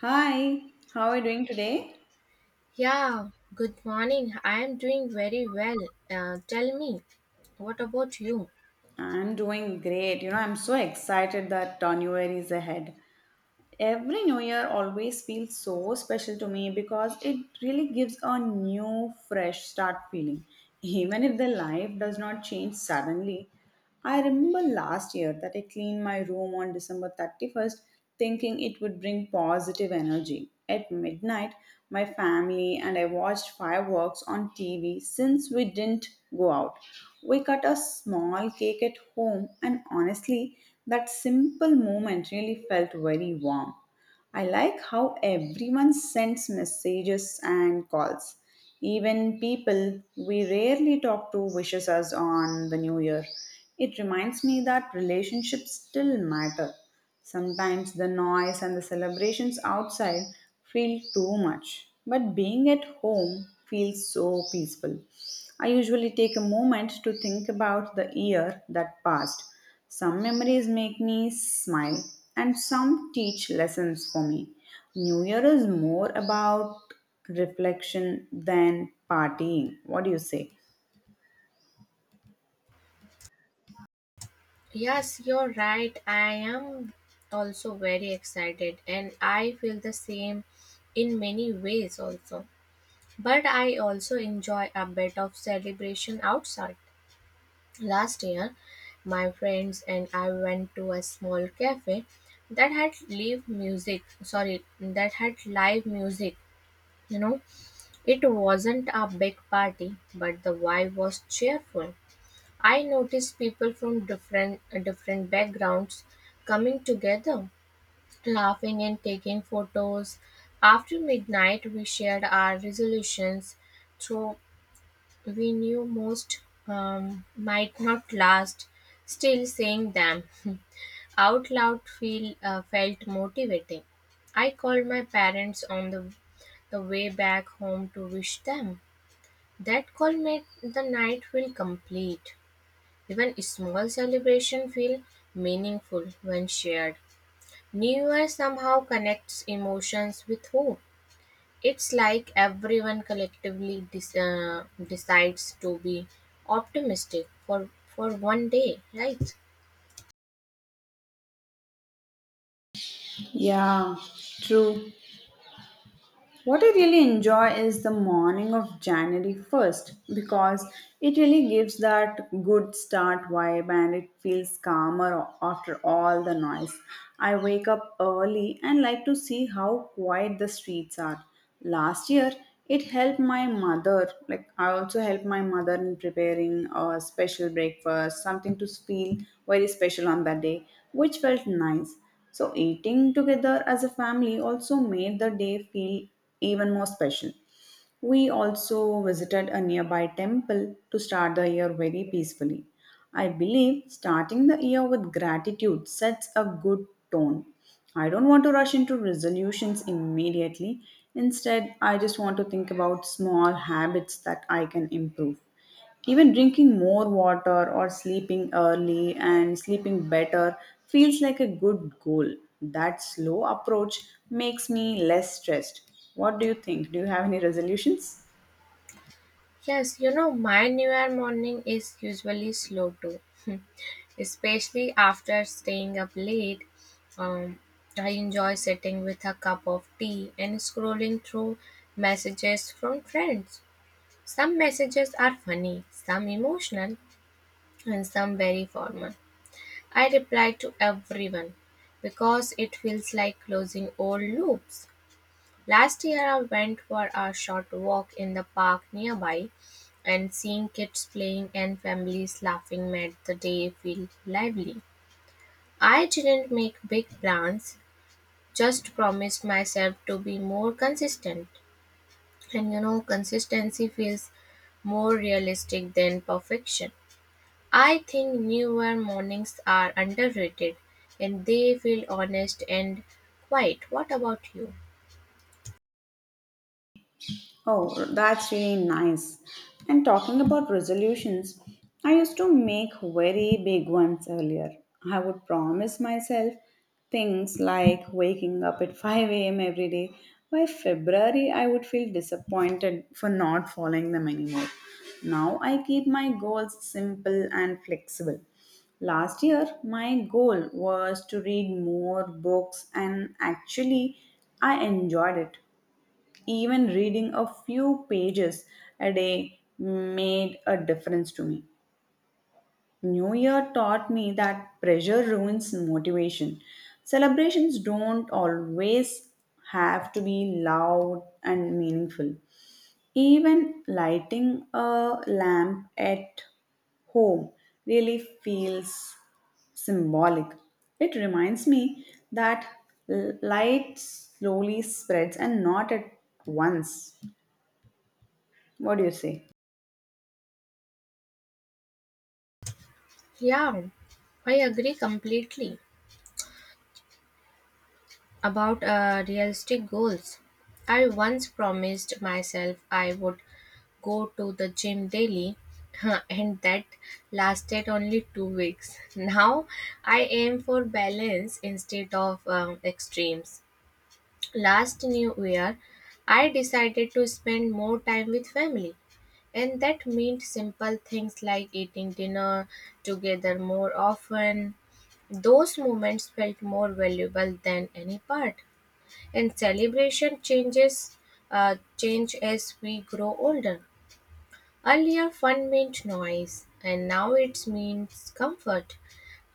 Hi, how are you doing today? Yeah, good morning. I am doing very well. Tell me, what about you? I'm doing great. You know, I'm so excited that New Year is ahead. Every New Year always feels so special to me because it really gives a new, fresh start feeling. Even if the life does not change suddenly, I remember last year that I cleaned my room on December 31st thinking it would bring positive energy. At midnight, my family and I watched fireworks on TV since we didn't go out. We cut a small cake at home, and honestly, that simple moment really felt very warm. I like how everyone sends messages and calls. Even people we rarely talk to wishes us on the new year. It reminds me that relationships still matter. Sometimes the noise and the celebrations outside feel too much, but being at home feels so peaceful. I usually take a moment to think about the year that passed. Some memories make me smile, and some teach lessons for me. New Year is more about reflection than partying. What do you say? Yes, you're right. I am also very excited, and I feel the same in many ways also. But I also enjoy a bit of celebration outside. Last year, my friends and I went to a small cafe that had live music, you know It wasn't a big party, but the vibe was cheerful. I noticed people from different backgrounds coming together, laughing and taking photos. After midnight, we shared our resolutions, though we knew most might not last. Still, saying them out loud feel felt motivating. I called my parents on the way back home to wish them that call made the night feel complete. Even small celebration feel meaningful when shared. New Year somehow connects emotions with hope. It's like everyone collectively decides to be optimistic for one day, right? Yeah, true. What I really enjoy is the morning of January 1st because it really gives that good start vibe and it feels calmer after all the noise. I wake up early and like to see how quiet the streets are. Last year, it helped my mother, like I also helped my mother in preparing a special breakfast, something to feel very special on that day, which felt nice. So, eating together as a family also made the day feel even more special. We also visited a nearby temple to start the year very peacefully. I believe starting the year with gratitude sets a good tone. I don't want to rush into resolutions immediately. Instead, I just want to think about small habits that I can improve. Even drinking more water or sleeping early and sleeping better feels like a good goal. That slow approach makes me less stressed. What do you think? Do you have any resolutions? Yes, you know, my New Year morning is usually slow too, especially after staying up late. Um, I enjoy sitting with a cup of tea and scrolling through messages from friends. Some messages are funny, some emotional, and some very formal. I reply to everyone because it feels like closing old loops. Last year, I went for a short walk in the park nearby, and seeing kids playing and families laughing made the day feel lively. I didn't make big plans, just promised myself to be more consistent. And you know, consistency feels more realistic than perfection. I think newer mornings are underrated and they feel honest and quiet. What about you? Oh, that's really nice. And talking about resolutions, I used to make very big ones earlier. I would promise myself things like waking up at 5 a.m. every day. By February, I would feel disappointed for not following them anymore. Now I keep my goals simple and flexible. Last year, my goal was to read more books, and actually, I enjoyed it. Even reading a few pages a day made a difference to me. New Year taught me that pressure ruins motivation. Celebrations don't always have to be loud and meaningful. Even lighting a lamp at home really feels symbolic. It reminds me that light slowly spreads and not at once. What do you say? Yeah, I agree completely. About realistic goals, I once promised myself I would go to the gym daily, and that lasted only 2 weeks. Now I aim for balance instead of extremes. Last New Year, I decided to spend more time with family, and that meant simple things like eating dinner together more often. Those moments felt more valuable than any part. And celebration change as we grow older. Earlier fun meant noise and now it means comfort.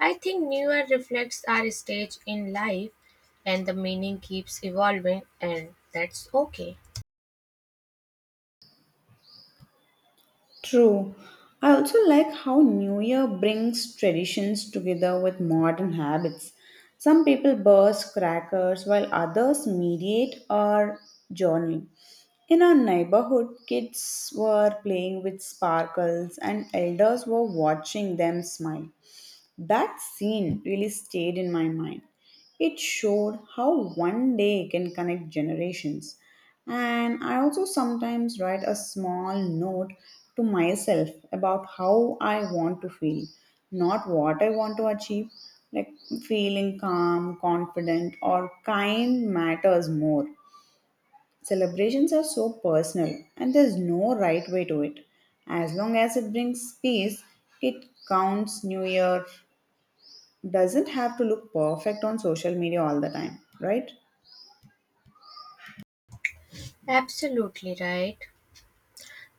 I think New Year reflects our stage in life and the meaning keeps evolving and that's okay. True. I also like how New Year brings traditions together with modern habits. Some people burst crackers while others mediate or journal. In our neighborhood, kids were playing with sparkles and elders were watching them smile. That scene really stayed in my mind. It showed how one day can connect generations. And I also sometimes write a small note to myself about how I want to feel, not what I want to achieve. Like feeling calm, confident, or kind matters more. Celebrations are so personal, and there's no right way to it. As long as it brings peace, it counts New Year, doesn't have to look perfect on social media all the time, right? Absolutely right.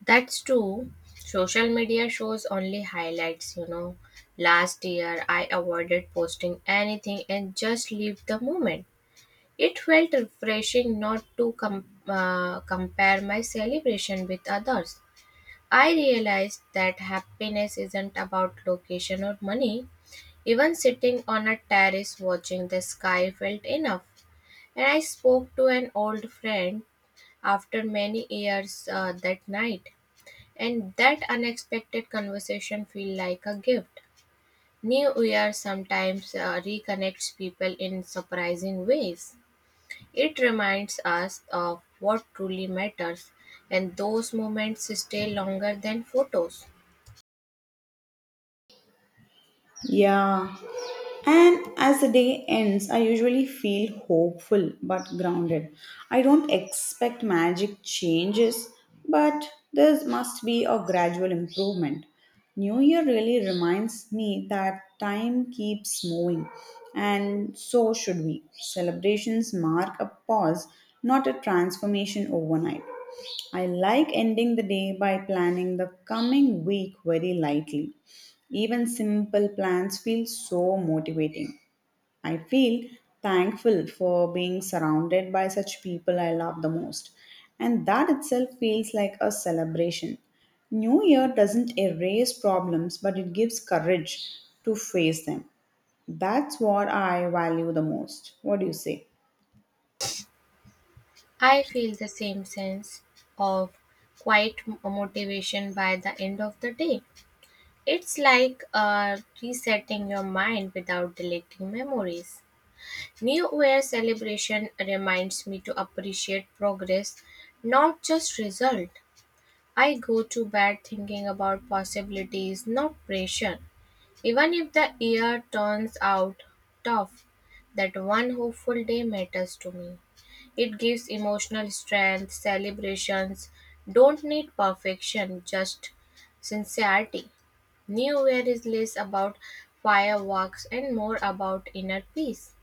That's true. Social media shows only highlights, you know. Last year I avoided posting anything and just lived the moment. It felt refreshing not to compare my celebration with others. I realized that happiness isn't about location or money. Even sitting on a terrace watching the sky felt enough. And I spoke to an old friend after many years that night. And that unexpected conversation felt like a gift. New Year sometimes reconnects people in surprising ways. It reminds us of what truly matters, and those moments stay longer than photos. Yeah. And as the day ends, I usually feel hopeful but grounded. I don't expect magic changes, but there must be a gradual improvement. New Year really reminds me that time keeps moving, and so should we. Celebrations mark a pause, not a transformation overnight. I like ending the day by planning the coming week very lightly. Even simple plans feel so motivating. I feel thankful for being surrounded by such people I love the most. And that itself feels like a celebration. New Year doesn't erase problems, but it gives courage to face them. That's what I value the most. What do you say? I feel the same sense of quiet motivation by the end of the day. It's like resetting your mind without deleting memories. New Year celebration reminds me to appreciate progress, not just result. I go to bed thinking about possibilities, not pressure. Even if the year turns out tough, that one hopeful day matters to me. It gives emotional strength. Celebrations don't need perfection, just sincerity. New Year is less about fireworks and more about inner peace.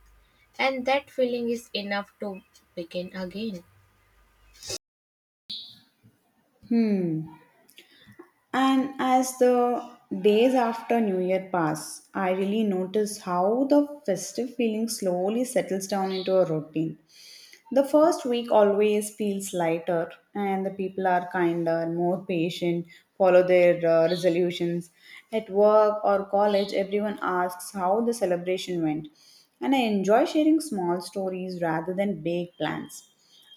And that feeling is enough to begin again. And as the days after New Year pass, I really notice how the festive feeling slowly settles down into a routine. The first week always feels lighter, and the people are kinder and more patient, follow their resolutions. At work or college, everyone asks how the celebration went, and I enjoy sharing small stories rather than big plans.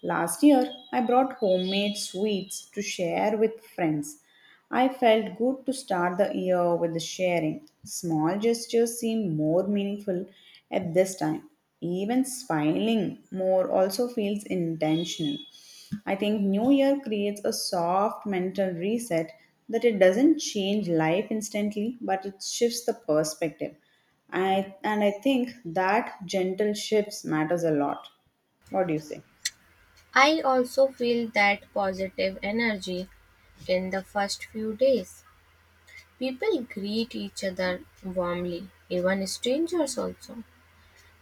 Last year, I brought homemade sweets to share with friends. I felt good to start the year with the sharing. Small gestures seem more meaningful at this time. Even smiling more also feels intentional. I think New Year creates a soft mental reset that it doesn't change life instantly, but it shifts the perspective. And I think that gentle shifts matters a lot. What do you say? I also feel that positive energy in the first few days. People greet each other warmly, even strangers also.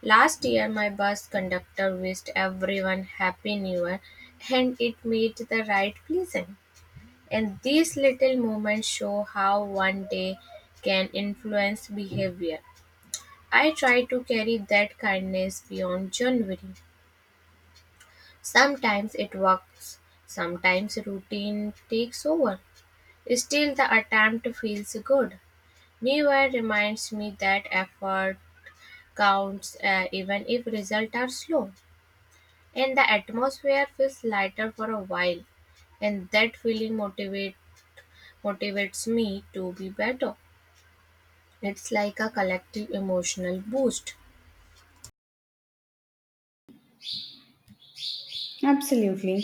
Last year, my bus conductor wished everyone Happy New Year and it made the ride pleasant. And these little moments show how one day can influence behavior. I try to carry that kindness beyond January. Sometimes it works, sometimes routine takes over. Still, the attempt feels good. Never reminds me that effort counts even if results are slow. And the atmosphere feels lighter for a while, and that feeling motivates me to be better. It's like a collective emotional boost. Absolutely.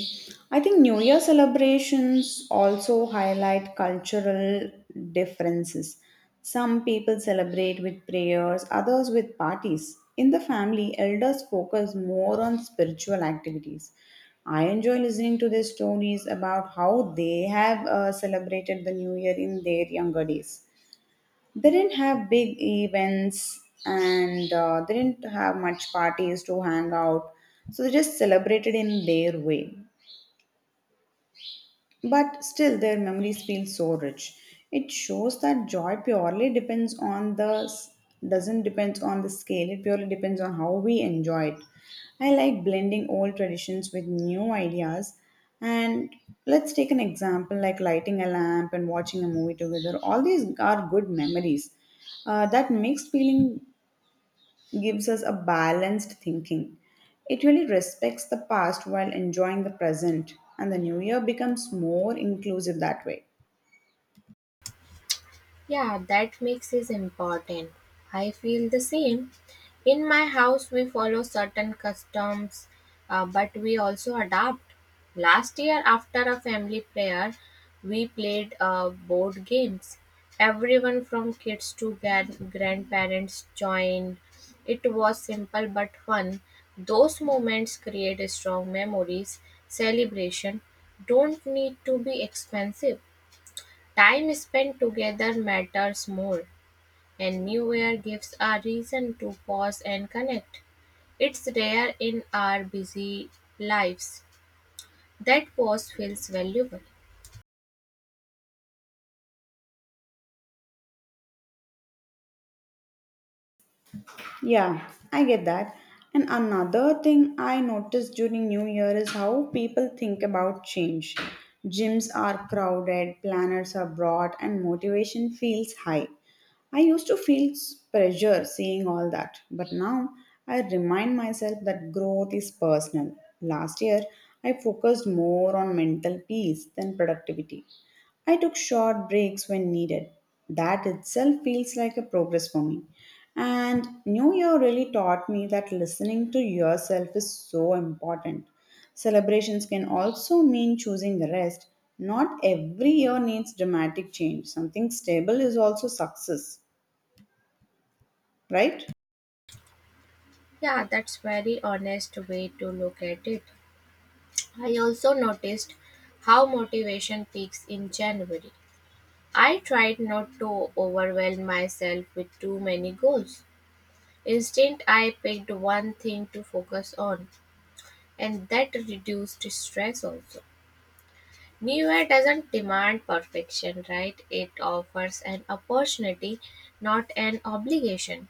I think New Year celebrations also highlight cultural differences. Some people celebrate with prayers, others with parties. In the family, elders focus more on spiritual activities. I enjoy listening to their stories about how they have celebrated the New Year in their younger days. They didn't have big events and they didn't have much parties to hang out, so they just celebrated in their way, but still, their memories feel so rich. It shows that joy purely depends on the doesn't depends on the scale. It purely depends on how we enjoy it. I like blending old traditions with new ideas. And let's take an example like lighting a lamp and watching a movie together. All these are good memories. That mixed feeling gives us a balanced thinking. It really respects the past while enjoying the present, and the new year becomes more inclusive that way. Yeah, that mix is important. I feel the same. In my house, we follow certain customs, but we also adapt. Last year, after a family prayer, we played board games. Everyone from kids to grandparents joined. It was simple but fun. Those moments create strong memories. Celebration don't need to be expensive. Time spent together matters more, and New Year gives a reason to pause and connect. It's rare in our busy lives. That pause feels valuable. Yeah, I get that. And another thing I noticed during New Year is how people think about change. Gyms are crowded, planners are broad, and motivation feels high. I used to feel pressure seeing all that, but now I remind myself that growth is personal. Last year, I focused more on mental peace than productivity. I took short breaks when needed. That itself feels like a progress for me. And New Year really taught me that listening to yourself is so important. Celebrations can also mean choosing rest. Not every year needs dramatic change. Something stable is also success, right? Yeah, that's very honest way to look at it. I also noticed how motivation peaks in January. I tried not to overwhelm myself with too many goals. Instead, I picked one thing to focus on, and that reduced stress also. Nowhere doesn't demand perfection, right? It offers an opportunity, not an obligation.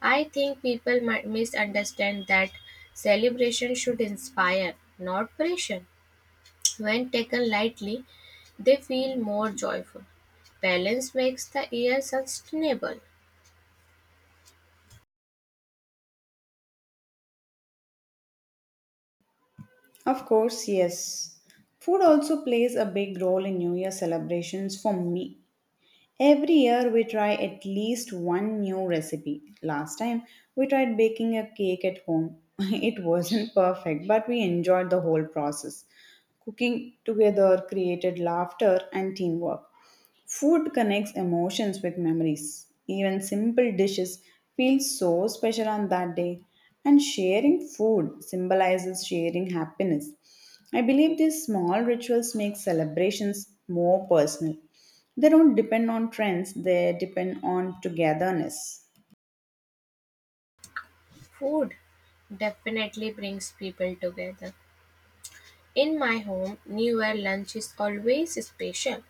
I think people might misunderstand that celebration should inspire, not pressure. When taken lightly, they feel more joyful. Balance makes the year sustainable. Of course, yes. Food also plays a big role in New Year celebrations for me. Every year we try at least one new recipe. Last time we tried baking a cake at home. It wasn't perfect, but we enjoyed the whole process. Cooking together created laughter and teamwork. Food connects emotions with memories. Even simple dishes feel so special on that day. And sharing food symbolizes sharing happiness. I believe these small rituals make celebrations more personal. They don't depend on trends, they depend on togetherness. Food definitely brings people together. In my home, New Year lunch is always special.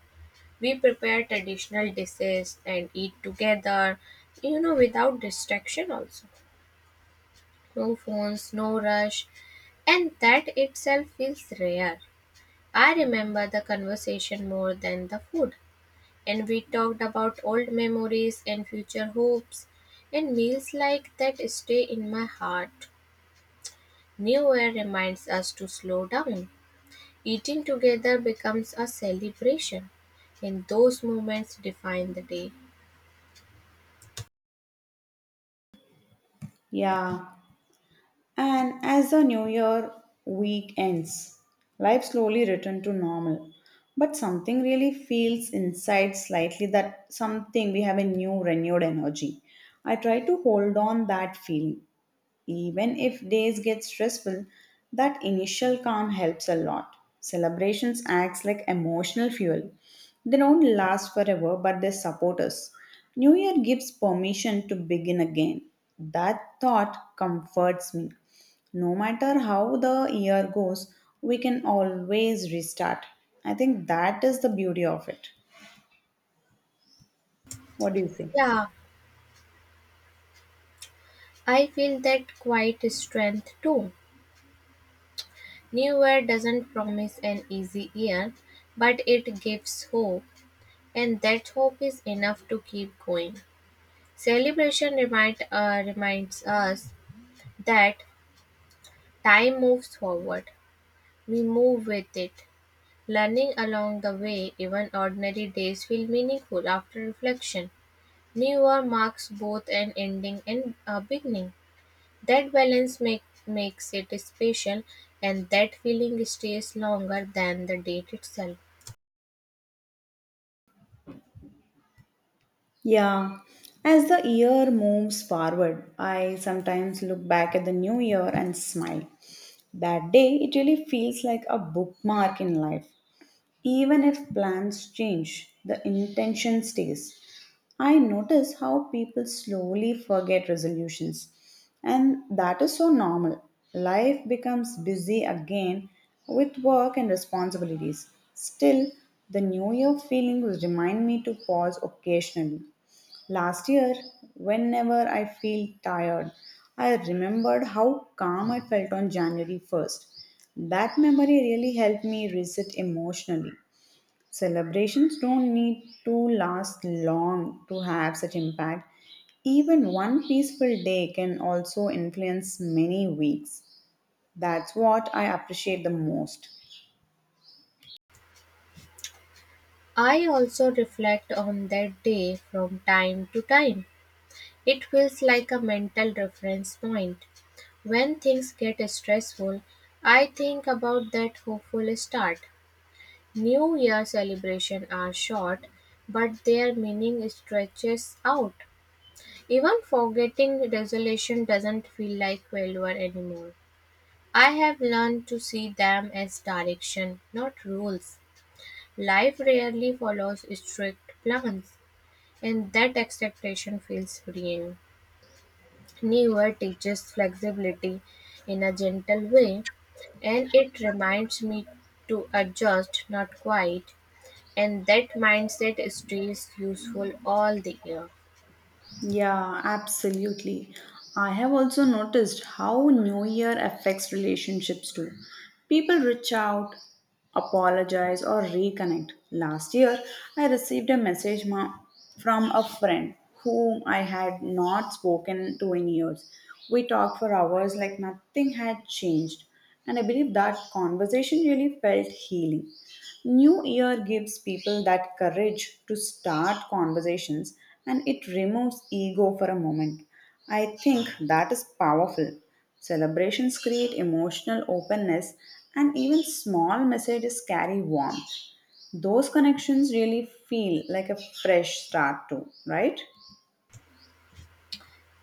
We prepare traditional dishes and eat together, you know, without distraction also. No phones, no rush, and that itself feels rare. I remember the conversation more than the food, and we talked about old memories and future hopes, and meals like that stay in my heart. New Year reminds us to slow down. Eating together becomes a celebration, and those moments define the day. Yeah. And as the new year week ends, life slowly returned to normal. But something really feels inside slightly that something we have a new renewed energy. I try to hold on that feeling, even if days get stressful, that initial calm helps a lot. Celebrations acts like emotional fuel. They don't last forever, but they support us. New Year gives permission to begin again. That thought comforts me. No matter how the year goes, we can always restart. I think that is the beauty of it. What do you think? Yeah, I feel that quite strength too. New year doesn't promise an easy year, but it gives hope, and that hope is enough to keep going. Celebration reminds us that time moves forward. We move with it. Learning along the way, even ordinary days feel meaningful after reflection. New year marks both an ending and a beginning. That balance makes it special, and that feeling stays longer than the date itself. Yeah, as the year moves forward, I sometimes look back at the new year and smile. That day, it really feels like a bookmark in life. Even if plans change, the intention stays. I notice how people slowly forget resolutions, and that is so normal. Life becomes busy again with work and responsibilities. Still, the New Year feelings remind me to pause occasionally. Last year, whenever I feel tired, I remembered how calm I felt on January 1st. That memory really helped me reset emotionally. Celebrations don't need to last long to have such impact. Even one peaceful day can also influence many weeks. That's what I appreciate the most. I also reflect on that day from time to time. It feels like a mental reference point. When things get stressful, I think about that hopeful start. New Year celebrations are short, but their meaning stretches out. Even forgetting resolution doesn't feel like failure anymore. I have learned to see them as direction, not rules. Life rarely follows strict plans, and that expectation feels freeing. Newer teaches flexibility in a gentle way, and it reminds me to adjust, not quite. And that mindset stays useful all the year. Yeah, absolutely. I have also noticed how New Year affects relationships too. People reach out, apologize, or reconnect. Last year, I received a from a friend whom I had not spoken to in years. We talked for hours like nothing had changed, and I believe that conversation really felt healing. New Year gives people that courage to start conversations and it removes ego for a moment. I think that is powerful. Celebrations create emotional openness and even small messages carry warmth. Those connections really feel like a fresh start, too, right?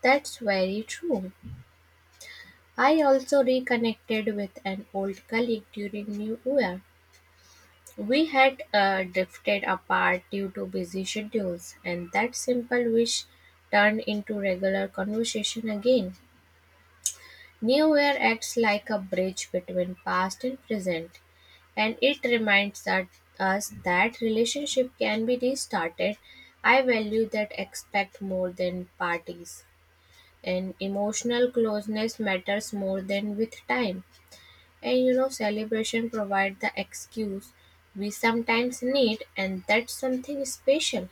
That's very true. I also reconnected with an old colleague during New Year. We had drifted apart due to busy schedules, and that simple wish turned into regular conversation again. New Year acts like a bridge between past and present, and it reminds us that relationship can be restarted. I value that expect more than parties, and emotional closeness matters more than with time. And you know, celebration provide the excuse we sometimes need, and that's something special.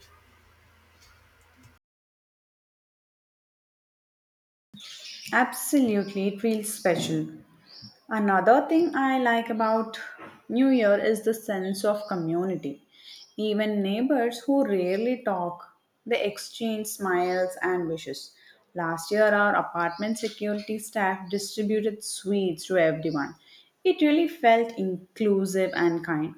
Absolutely, it feels special. Another thing I like about New Year is the sense of community. Even neighbors who rarely talk, they exchange smiles and wishes. Last year, our apartment security staff distributed sweets to everyone. It really felt inclusive and kind.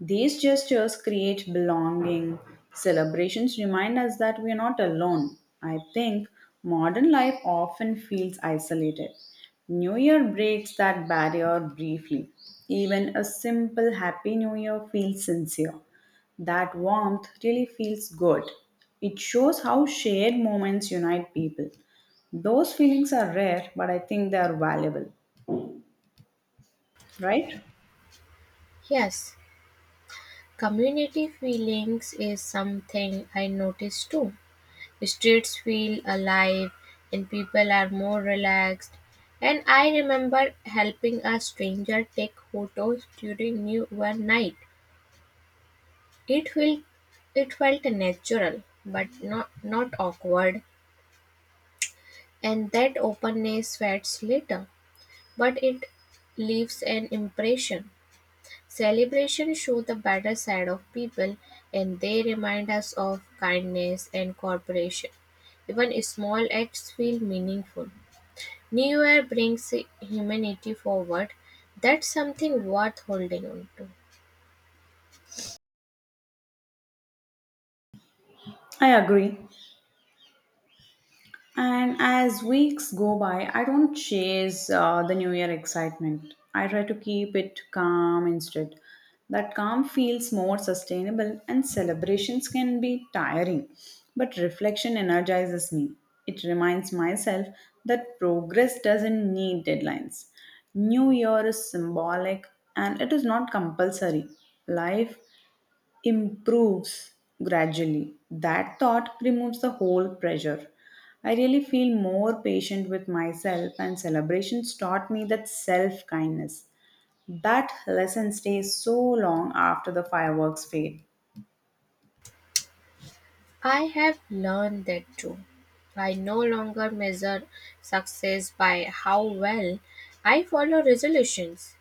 These gestures create belonging. Celebrations remind us that we are not alone. I think modern life often feels isolated. New Year breaks that barrier briefly. Even a simple Happy New Year feels sincere. That warmth really feels good. It shows how shared moments unite people. Those feelings are rare, but I think they are valuable, right? Yes, community feelings is something I notice too. Streets feel alive, and people are more relaxed. And I remember helping a stranger take photos during New Year night. It felt natural, but not awkward. And that openness fades later. But it leaves an impression. Celebrations show the better side of people and they remind us of kindness and cooperation. Even small acts feel meaningful. New Year brings humanity forward. That's something worth holding on to. I agree. And as weeks go by, I don't chase the New Year excitement. I try to keep it calm instead. That calm feels more sustainable, and celebrations can be tiring. But reflection energizes me. It reminds myself that progress doesn't need deadlines. New Year is symbolic and it is not compulsory. Life improves gradually. That thought removes the whole pressure. I really feel more patient with myself, and celebrations taught me that self kindness. That lesson stays so long after the fireworks fade. I have learned that too. I no longer measure success by how well I follow resolutions.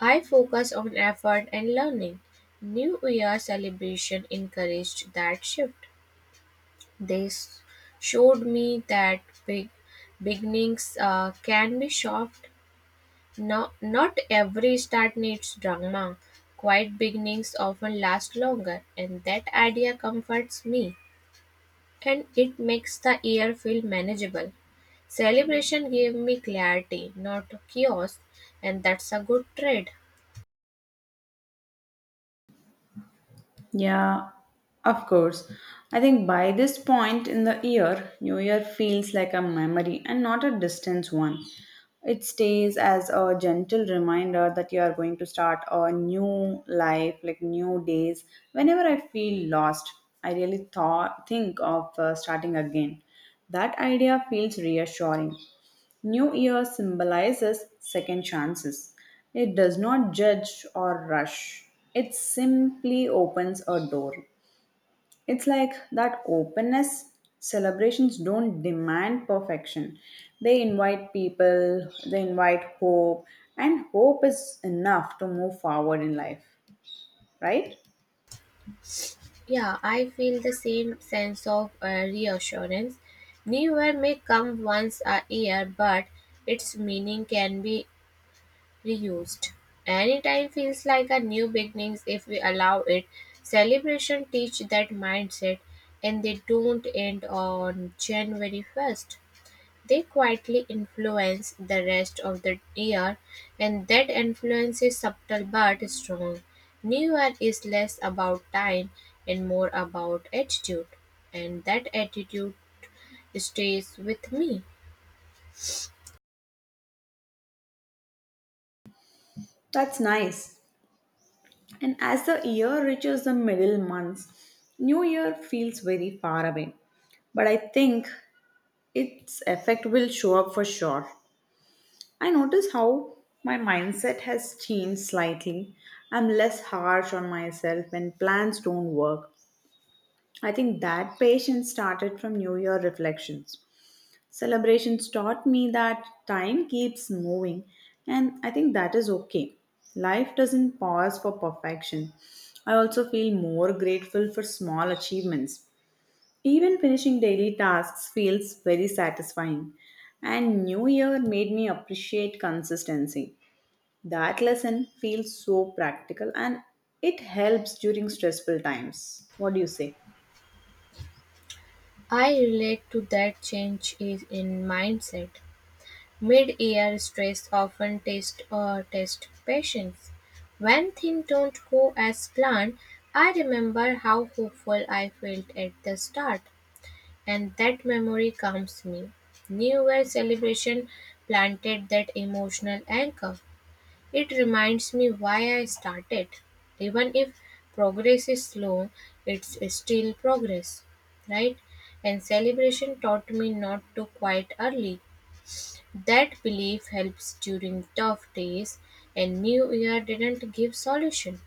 I focus on effort and learning. New Year celebration encouraged that shift. They showed me that big beginnings can be soft. No, not every start needs drama. Quiet beginnings often last longer, and that idea comforts me and it makes the year feel manageable. Celebration gave me clarity, not chaos, and that's a good trade. Yeah, of course. I think by this point in the year, New Year feels like a memory and not a distant one. It stays as a gentle reminder that you are going to start a new life, like new days. Whenever I feel lost, I really thought think of starting again. That idea feels reassuring. New Year symbolizes second chances. It does not judge or rush, it simply opens a door. It's like that openness. Celebrations don't demand perfection, they invite people, they invite hope, and hope is enough to move forward in life, right? Yeah, I feel the same sense of reassurance. New year may come once a year, but its meaning can be reused. Anytime feels like a new beginnings if we allow it. Celebration teach that mindset and they don't end on January 1st. They quietly influence the rest of the year, and that influence is subtle but strong. New Year is less about time and more about attitude, and that attitude stays with me. That's nice. And as the year reaches the middle months, New Year feels very far away. But I think its effect will show up for sure. I notice how my mindset has changed slightly. I'm less harsh on myself when plans don't work. I think that patience started from New Year reflections. Celebrations taught me that time keeps moving, and I think that is okay. Life doesn't pause for perfection. I also feel more grateful for small achievements. Even finishing daily tasks feels very satisfying. And New Year made me appreciate consistency. That lesson feels so practical and it helps during stressful times. What do you say? I relate to that change is in mindset. Mid-year stress often test or test patience. When things don't go as planned, I remember how hopeful I felt at the start. And that memory calms me. New Year celebration planted that emotional anchor. It reminds me why I started. Even if progress is slow, it's still progress, right? And celebration taught me not to quit early. That belief helps during tough days, and New Year didn't give solution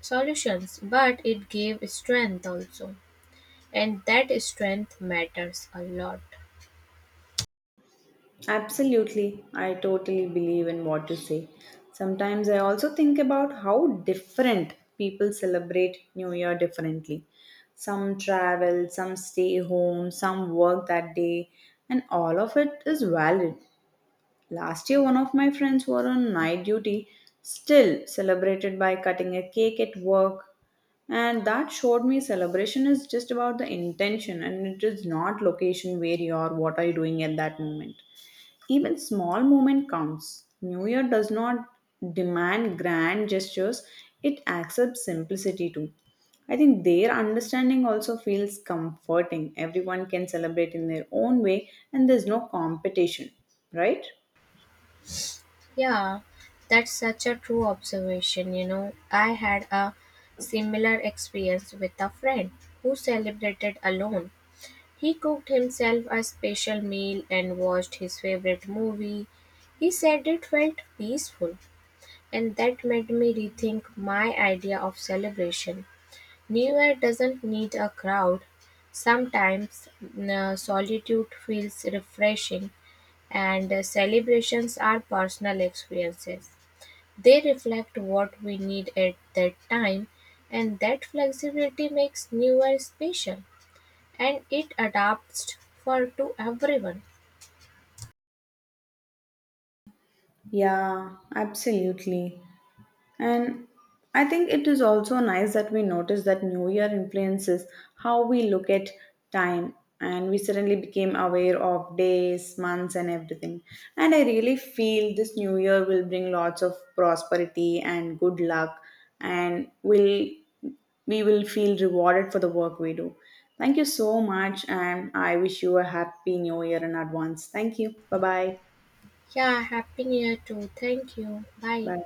solutions, but it gave strength also. And that strength matters a lot. Absolutely. I totally believe in what you say. Sometimes I also think about how different people celebrate New Year differently. Some travel, some stay home, some work that day, and all of it is valid. Last year, one of my friends were on night duty, still celebrated by cutting a cake at work. And that showed me celebration is just about the intention and it is not location where you are, what are you doing at that moment. Even small moment counts. New Year does not demand grand gestures, it accepts simplicity too. I think their understanding also feels comforting. Everyone can celebrate in their own way and there's no competition, right? Yeah, that's such a true observation. You know, I had a similar experience with a friend who celebrated alone. He cooked himself a special meal and watched his favorite movie. He said it felt peaceful, and that made me rethink my idea of celebration. New Year doesn't need a crowd. Sometimes solitude feels refreshing, and celebrations are personal experiences. They reflect what we need at that time, and that flexibility makes newer special and it adapts for to everyone. Yeah, absolutely. And I think it is also nice that we notice that New Year influences how we look at time. And we suddenly became aware of days, months, and everything. And I really feel this New Year will bring lots of prosperity and good luck, and will we will feel rewarded for the work we do. Thank you so much, and I wish you a happy New Year in advance. Thank you. Bye bye. Yeah, happy new year too. Thank you. Bye. Bye.